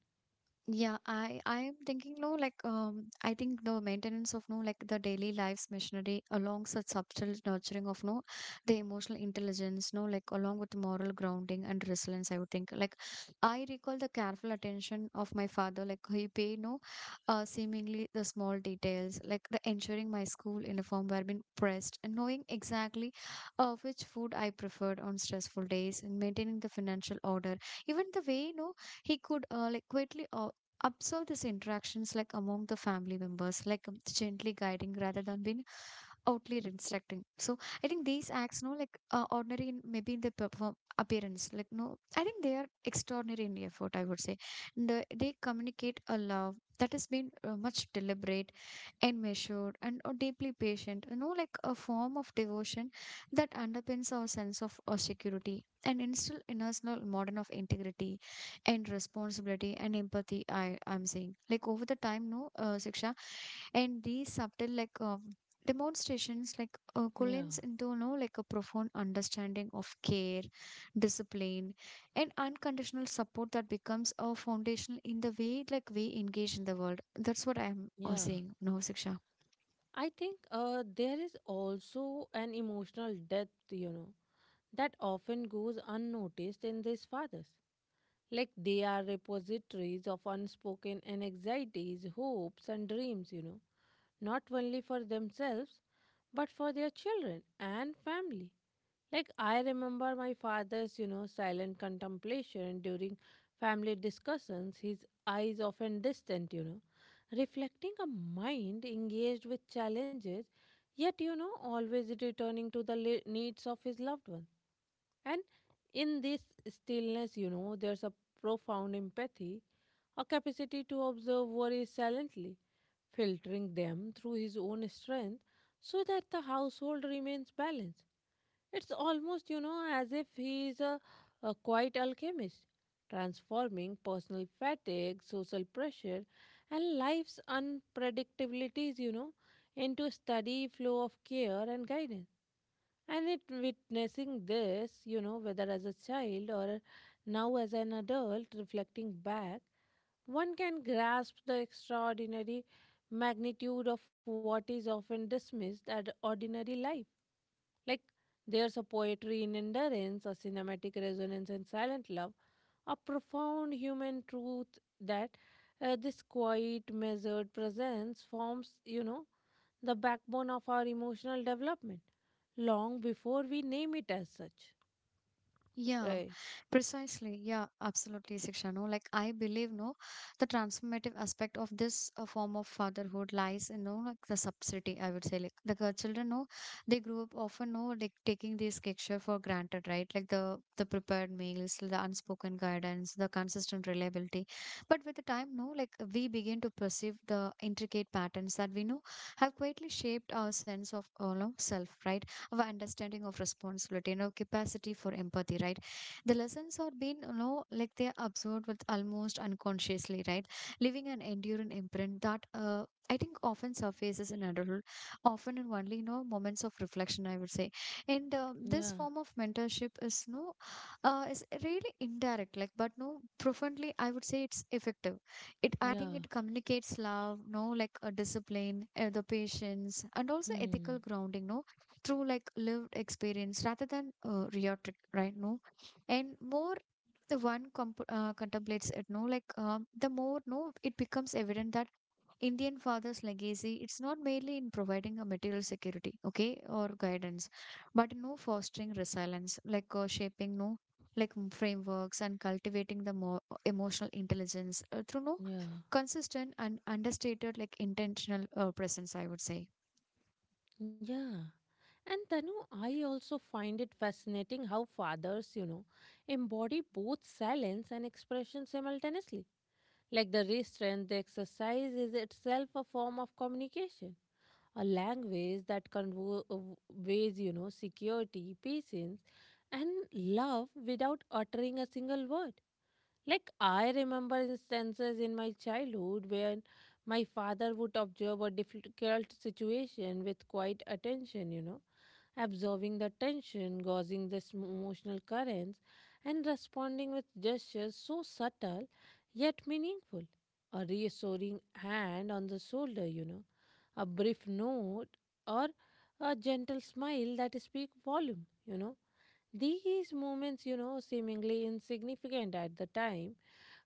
Yeah, I am thinking no like I think the maintenance of no like the daily life's machinery along such subtle nurturing of no the emotional intelligence no like along with moral grounding and resilience I would think like I recall the careful attention of my father like he paid no seemingly the small details like the ensuring my school uniform were being pressed and knowing exactly which food I preferred on stressful days and maintaining the financial order, even the way no he could like quietly observe these interactions like among the family members like gently guiding rather than being outly instructing. So I think these acts no like ordinary in, maybe in the perform appearance like no I think they are extraordinary in effort, I would say they communicate a love that has been much deliberate and measured and deeply patient, like a form of devotion that underpins our sense of security and instill in us a modern of integrity and responsibility and empathy. I I'm saying like over the time, no, Siksha, and these subtle like demonstrations like Yeah, collides into you know like a profound understanding of care, discipline and unconditional support that becomes a foundation in the way like we engage in the world, that's what I'm yeah. saying no Siksha. I think there is also an emotional depth, that often goes unnoticed in these fathers. Like they are repositories of unspoken anxieties, hopes, and dreams, not only for themselves, but for their children and family. Like I remember my father's, silent contemplation during family discussions, his eyes often distant, reflecting a mind engaged with challenges, yet, always returning to the needs of his loved ones. And in this stillness, there's a profound empathy, a capacity to observe worries silently, filtering them through his own strength so that the household remains balanced. It's almost, as if he is a quiet alchemist, transforming personal fatigue, social pressure, and life's unpredictabilities, into steady flow of care and guidance. And it witnessing this, whether as a child or now as an adult, reflecting back, one can grasp the extraordinary magnitude of what is often dismissed as ordinary life. Like there's a poetry in endurance, a cinematic resonance in silent love, a profound human truth that this quiet, measured presence forms, the backbone of our emotional development long before we name it as such. Yeah, Right. precisely. Yeah, absolutely, Siksha. No, like I believe, no, the transformative aspect of this form of fatherhood lies in, no, like the subsidy, I would say. Like the girl children, no, they grew up often, no, like taking this culture for granted, right? Like the prepared meals, the unspoken guidance, the consistent reliability. But with the time, no, like we begin to perceive the intricate patterns that we know have quietly shaped our sense of, you know, self, right? Of understanding of responsibility, you know, capacity for empathy, right? The lessons are being, you know, like they are absorbed with almost unconsciously, right? Leaving an enduring imprint that I think often surfaces in adulthood, often in only you know moments of reflection, I would say, and this Yeah, form of mentorship is no, is really indirect, like but no profoundly, I would say it's effective. It I think yeah. it communicates love, no like a discipline, the patience, and also Hmm. ethical grounding. No, through like lived experience rather than reacted, right, no. And more the contemplates it no like the more no it becomes evident that indian father's legacy it's not merely in providing a material security, okay, or guidance but no fostering resilience like shaping no like frameworks and cultivating the more emotional intelligence through no Yeah, consistent and understated like intentional presence, I would say. yeah, and Tanu, I also find it fascinating how fathers, you know, embody both silence and expression simultaneously. Like the restraint, the exercise is itself a form of communication, a language that conveys, you know, security, patience, and love without uttering a single word. Like I remember instances in my childhood when my father would observe a difficult situation with quiet attention, you know, observing the tension, gauging the emotional currents, and responding with gestures so subtle yet meaningful. A reassuring hand on the shoulder, you know, a brief note, or a gentle smile that speak volume. These moments, you know, seemingly insignificant at the time,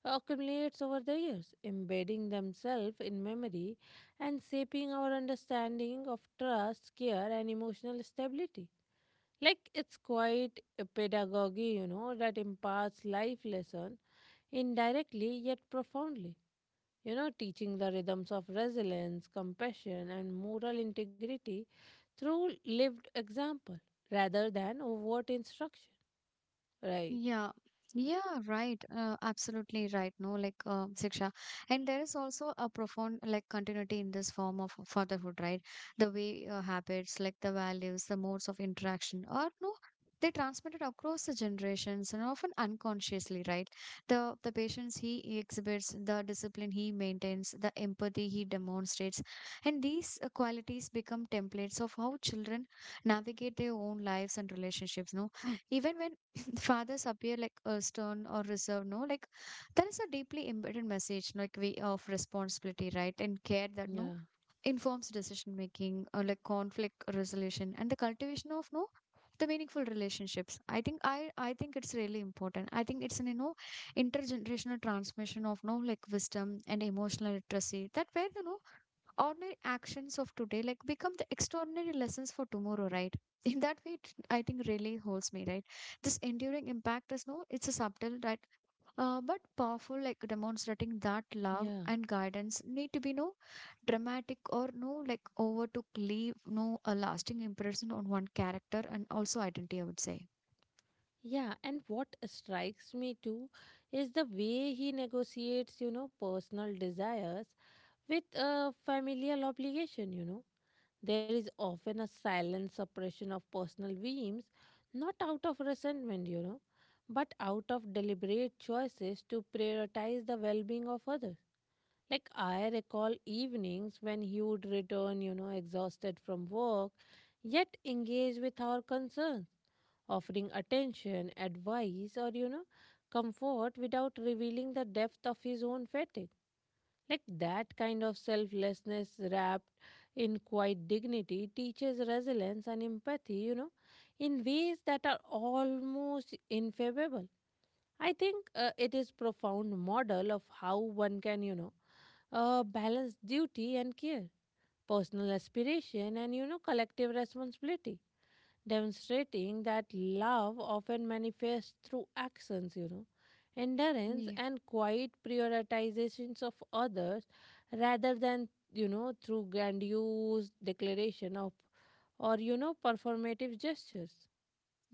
accumulates over the years, embedding themselves in memory and shaping our understanding of trust, care, and emotional stability. Like it's quite a pedagogy, you know, that imparts life lesson indirectly yet profoundly, teaching the rhythms of resilience, compassion, and moral integrity through lived example rather than overt instruction. Right. Yeah, yeah, right. Absolutely right. No, like Siksha, and there is also a profound like continuity in this form of fatherhood, right? The way habits, like the values, the modes of interaction, or no, they transmitted across the generations and often unconsciously, right? The patience he exhibits, the discipline he maintains, the empathy he demonstrates, and these qualities become templates of how children navigate their own lives and relationships. No, even when fathers appear like stern or reserved no like there is a deeply embedded message like we of responsibility, right, and care that no Yeah. informs decision making or like conflict resolution and the cultivation of no the meaningful relationships. I think I think it's really important, I think it's an you know intergenerational transmission of no like wisdom and emotional literacy that where you know ordinary actions of today like become the extraordinary lessons for tomorrow, right? In that way it, I think really holds me right. This enduring impact is no it's a subtle, right, but powerful like demonstrating that love Yeah. and guidance need to be no dramatic or no like over to leave no a lasting impression on one character and also identity, I would say. Yeah. And what strikes me too is the way he negotiates, you know, personal desires with a familial obligation. There is often a silent suppression of personal whims, not out of resentment, you know, but out of deliberate choices to prioritize the well being of others. Like, I recall evenings when he would return, you know, exhausted from work, yet engage with our concerns, offering attention, advice, or, you know, comfort without revealing the depth of his own fatigue. Like that kind of selflessness wrapped in quiet dignity teaches resilience and empathy, you know, in ways that are almost infavorable. I think it is profound model of how one can, you know, balance duty and care, personal aspiration and, you know, collective responsibility demonstrating that love often manifests through actions, you know, endurance Yeah. and quiet prioritizations of others rather than, you know, through grandiose declaration of or, you know, performative gestures.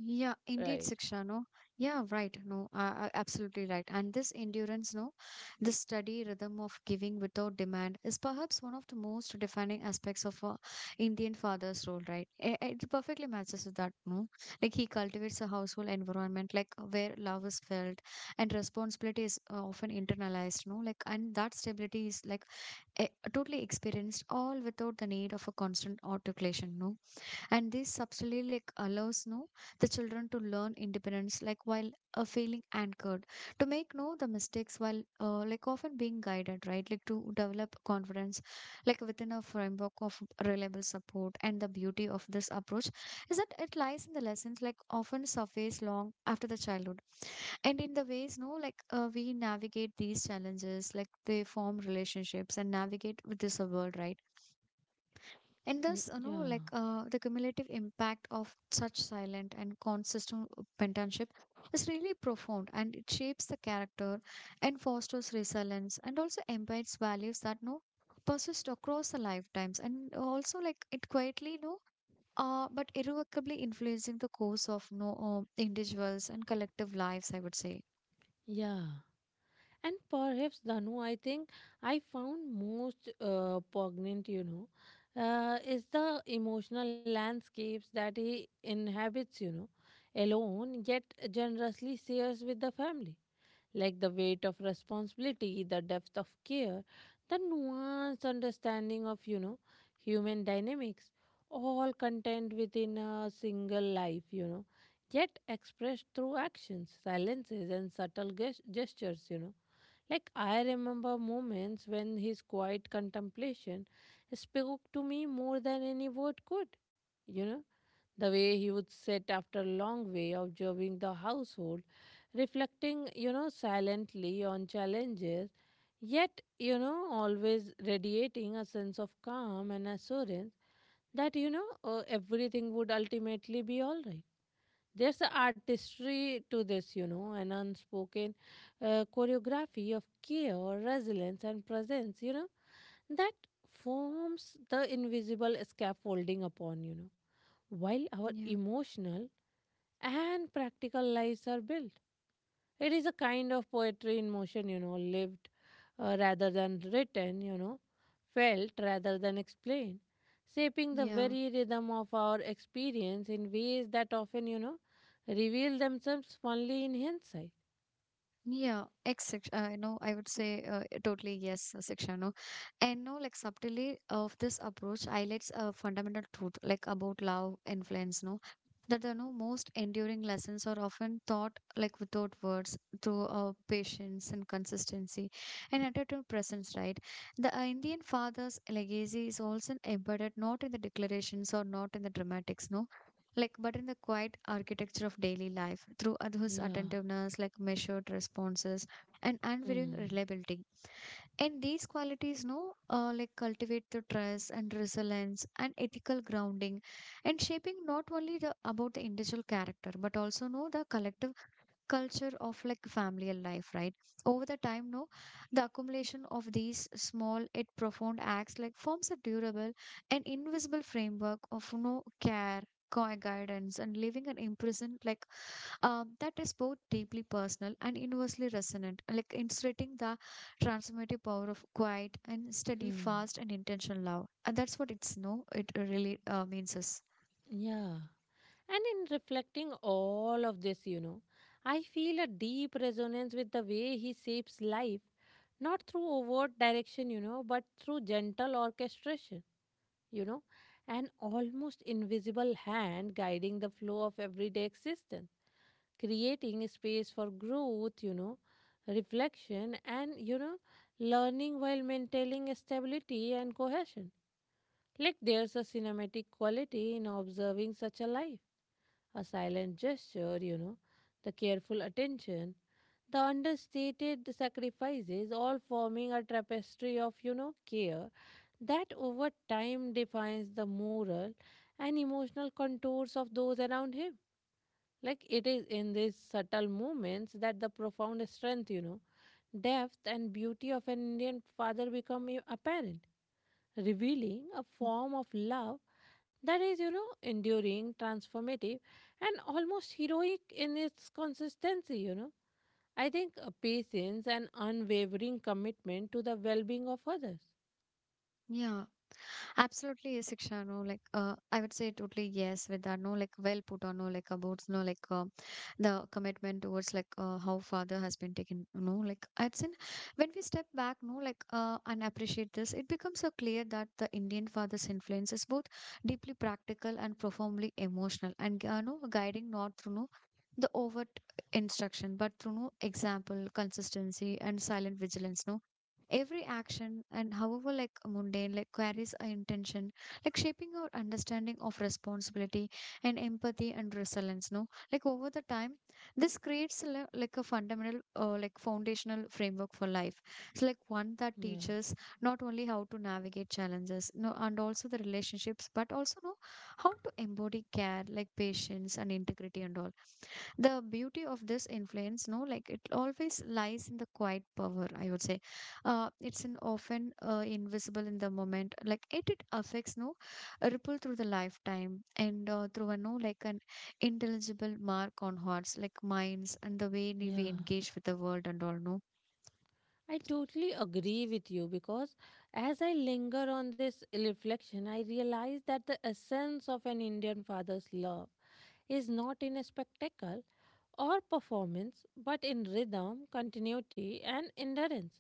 Yeah, indeed, Right. Siksha, no? Yeah, right, no, absolutely right. And this endurance, no, this steady rhythm of giving without demand is perhaps one of the most defining aspects of a Indian father's role, right? It perfectly matches with that, no? Like he cultivates a household environment, like where love is felt and responsibility is often internalized, no? Like, and that stability is like eh, totally experienced all without the need of a constant articulation, no? And this subtly like allows no the children to learn independence like while feeling anchored to make no the mistakes while like often being guided, right, like to develop confidence like within a framework of reliable support. And the beauty of this approach is that it lies in the lessons like often surface long after the childhood, and in the ways no like we navigate these challenges like they form relationships and navigate with this world, right. And Mm. thus, you know, Yeah. like the cumulative impact of such silent and consistent pentanship is really profound, and it shapes the character and fosters resilience and also embeds values that no persist across the lifetimes, and also like it quietly no but irrevocably influencing the course of no individuals and collective lives, I would say. Yeah. And perhaps, Dhanu, I think I found most poignant, you know, is the emotional landscapes that he inhabits, you know, alone, yet generously shares with the family. Like the weight of responsibility, the depth of care, the nuanced understanding of, you know, human dynamics, all contained within a single life, you know, yet expressed through actions, silences, and subtle gestures, you know, like, I remember moments when his quiet contemplation spoke to me more than any word could. You know, the way he would sit after a long way observing the household, reflecting, you know, silently on challenges, yet, you know, always radiating a sense of calm and assurance that, you know, everything would ultimately be all right. There's an artistry to this, you know, an unspoken choreography of care, resilience, and presence, you know, that forms the invisible scaffolding upon, you know, while our Yeah. emotional and practical lives are built. It is a kind of poetry in motion, you know, lived rather than written, you know, felt rather than explained, shaping the Yeah. very rhythm of our experience in ways that often, you know, reveal themselves only in hindsight. Yeah, ex section, you know, I would say totally yes, Siksha, no. And no, like subtly of this approach highlights a fundamental truth, like about love influence, no, that the no most enduring lessons are often taught like without words through patience and consistency and attitude presence, right? The Indian father's legacy is also embedded not in the declarations or not in the dramatics, no, like but in the quiet architecture of daily life through his Yeah. attentiveness like measured responses and unwavering Hmm. reliability. And these qualities no like cultivate the trust and resilience and ethical grounding, and shaping not only the about the individual character but also know the collective culture of like familial life, right. Over the time no the accumulation of these small yet profound acts like forms a durable and invisible framework of no care, guidance, and leaving an impression like that is both deeply personal and universally resonant like illustrating the transformative power of quiet and steady Hmm. fast and intentional love, and that's what it's no it really means us. Yeah. And in reflecting all of this, you know, I feel a deep resonance with the way he shapes life, not through overt direction, you know, but through gentle orchestration, you know, an almost invisible hand guiding the flow of everyday existence, creating space for growth, you know, reflection, and, you know, learning while maintaining stability and cohesion. Like there's a cinematic quality in observing such a life, a silent gesture, you know, the careful attention, the understated sacrifices, all forming a tapestry of, you know, care that over time defines the moral and emotional contours of those around him. Like it is in these subtle moments that the profound strength, you know, depth and beauty of an Indian father become apparent, revealing a form of love that is, you know, enduring, transformative, and almost heroic in its consistency, you know. I think patience and unwavering commitment to the well being of others. Yeah. Absolutely, yes, Shiksha. No, like I would say totally yes with that. No, like well put on. No, like about no, like the commitment towards like how father has been taken. No, like it's in when we step back. No, like and appreciate this, it becomes so clear that the Indian father's influence is both deeply practical and profoundly emotional, and no guiding not through no the overt instruction, but through no example, consistency, and silent vigilance. No, every action, and however like mundane like carries our intention, like shaping our understanding of responsibility and empathy and resilience. No, like over the time, this creates like a fundamental like foundational framework for life. It's like one that Yeah, teaches not only how to navigate challenges, no, and also the relationships, but also no, how to embody care like patience and integrity and all. The beauty of this influence no like it always lies in the quiet power, I would say, it's an often invisible in the moment like it affects no a ripple through the lifetime and through a no like an intelligible mark on hearts like minds and the way we yeah. engage with the world and all no. I totally agree with you because as I linger on this reflection, I realize that the essence of an Indian father's love is not in a spectacle or performance, but in rhythm, continuity, and endurance.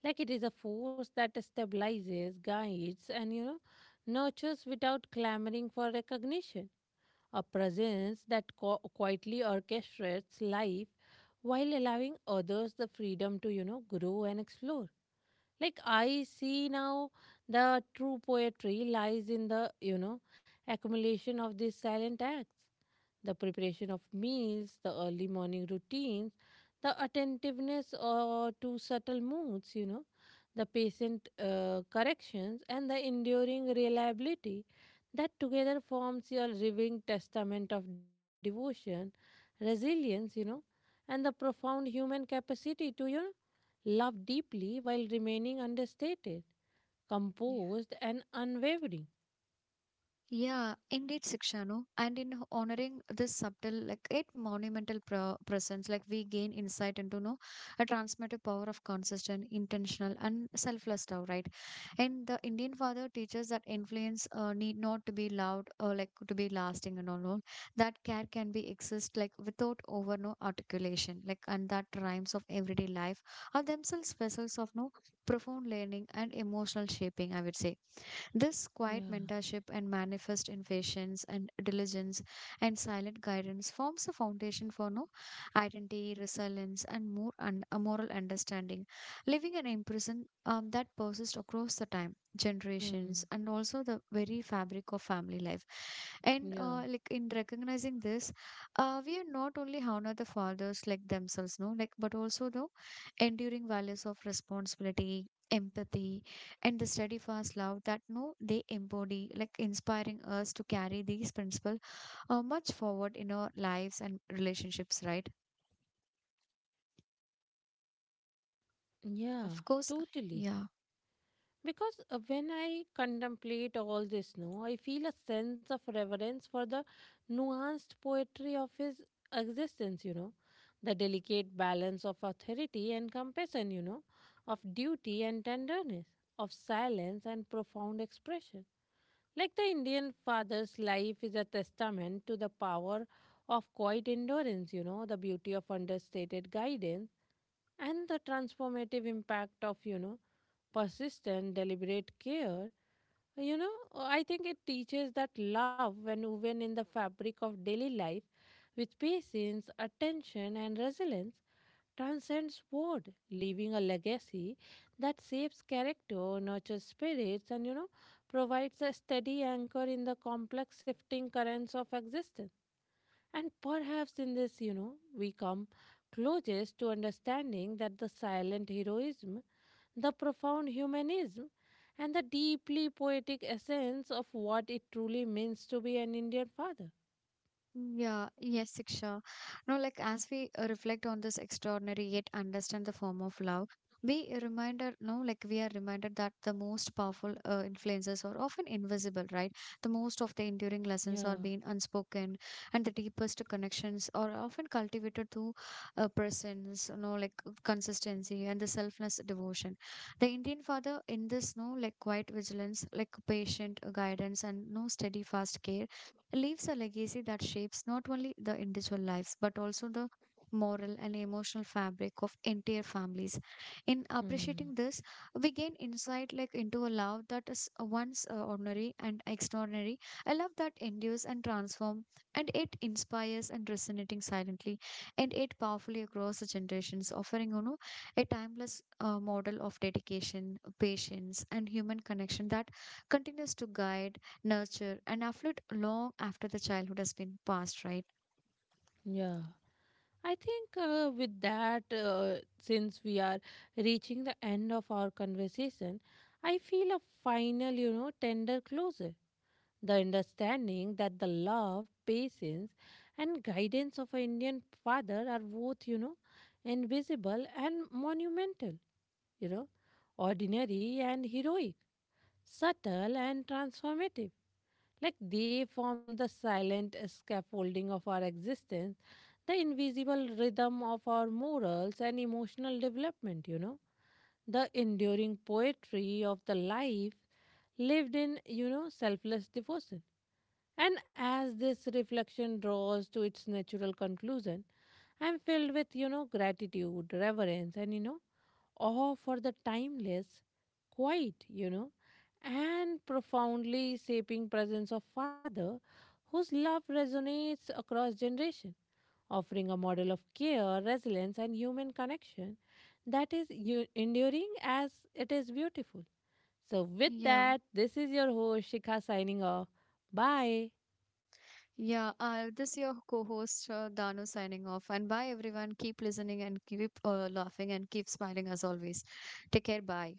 Like it is a force that stabilizes, guides, and, you know, nurtures without clamoring for recognition. A presence that quietly orchestrates life while allowing others the freedom to, you know, grow and explore. Like I see now, the true poetry lies in the, you know, accumulation of these silent acts, the preparation of meals, the early morning routines, the attentiveness to subtle moods, you know, the patient corrections, and the enduring reliability that together forms your living testament of devotion, resilience, you know, and the profound human capacity to, you know, love deeply while remaining understated, composed, and unwavering. Yeah, indeed, Sikshanu. And in honoring this subtle, like eight monumental pro presence, like we gain insight into no a transmitted power of consistent, intentional, and selfless love, right? And the Indian father teaches that influence need not to be loud or like to be lasting and all. That care can be exist like without over no articulation, like and that rhymes of everyday life are themselves vessels of no profound learning and emotional shaping, I would say. This quiet Yeah. mentorship and manifest in patience and diligence and silent guidance forms the foundation for no identity, resilience, and more a moral understanding, leaving an impression that persists across the time, generations, Mm, and also the very fabric of family life. And yeah, like in recognizing this, we are not only honor the fathers like themselves, no, like but also the enduring values of responsibility, empathy, and the study fast love that no they embody, like inspiring us to carry these principles much forward in our lives and relationships, right. Of yeah, course. totally. Yeah. Because when I contemplate all this now, I feel a sense of reverence for the nuanced poetry of his existence, you know, the delicate balance of authority and compassion, you know, of duty and tenderness, of silence and profound expression. Like the Indian father's life is a testament to the power of quiet endurance, you know, the beauty of understated guidance and the transformative impact of, you know, persistent deliberate care. You know I think it teaches that love, when woven in the fabric of daily life with patience, attention and resilience, transcends word, leaving a legacy that shapes character, nurtures spirits and, you know, provides a steady anchor in the complex shifting currents of existence. And perhaps in this, you know, we come closest to understanding that the silent heroism, the profound humanism, and the deeply poetic essence of what it truly means to be an Indian father. Mm, yeah, yes, Siksha. No, like as we reflect on this extraordinary yet understand the form of love, we reminded, no, like we are reminded that the most powerful influences are often invisible, right? The most of the enduring lessons are Yeah. being unspoken, and the deepest connections are often cultivated through presence, you know, like consistency and the selfless devotion. The Indian father in this, no, like quiet vigilance, like patient guidance, and no steadfast care leaves a legacy that shapes not only the individual lives but also the moral and emotional fabric of entire families. In Hmm. appreciating this, we gain insight like into a love that is once ordinary and extraordinary, a love that endures and transforms, and it inspires and resonating silently, and it powerfully across the generations offering, you know, a timeless model of dedication patience and human connection that continues to guide, nurture, and affluent long after the childhood has been passed, right? Yeah. I think with that, since we are reaching the end of our conversation, I feel a final, you know, tender closure. The understanding that the love, patience, and guidance of an Indian father are both, you know, invisible and monumental, you know, ordinary and heroic, subtle and transformative. Like they form the silent scaffolding of our existence, the invisible rhythm of our morals and emotional development, you know. The enduring poetry of the life lived in, you know, selfless devotion. And as this reflection draws to its natural conclusion, I am filled with, you know, gratitude, reverence, and, you know, awe for the timeless quiet, you know, and profoundly shaping presence of father whose love resonates across generation, offering a model of care, resilience and human connection that is enduring as it is beautiful. So with Yeah. that, this is your host Shikha signing off. Bye. Yeah, this is your co-host Danu signing off. And bye, everyone. Keep listening and keep laughing and keep smiling as always. Take care. Bye.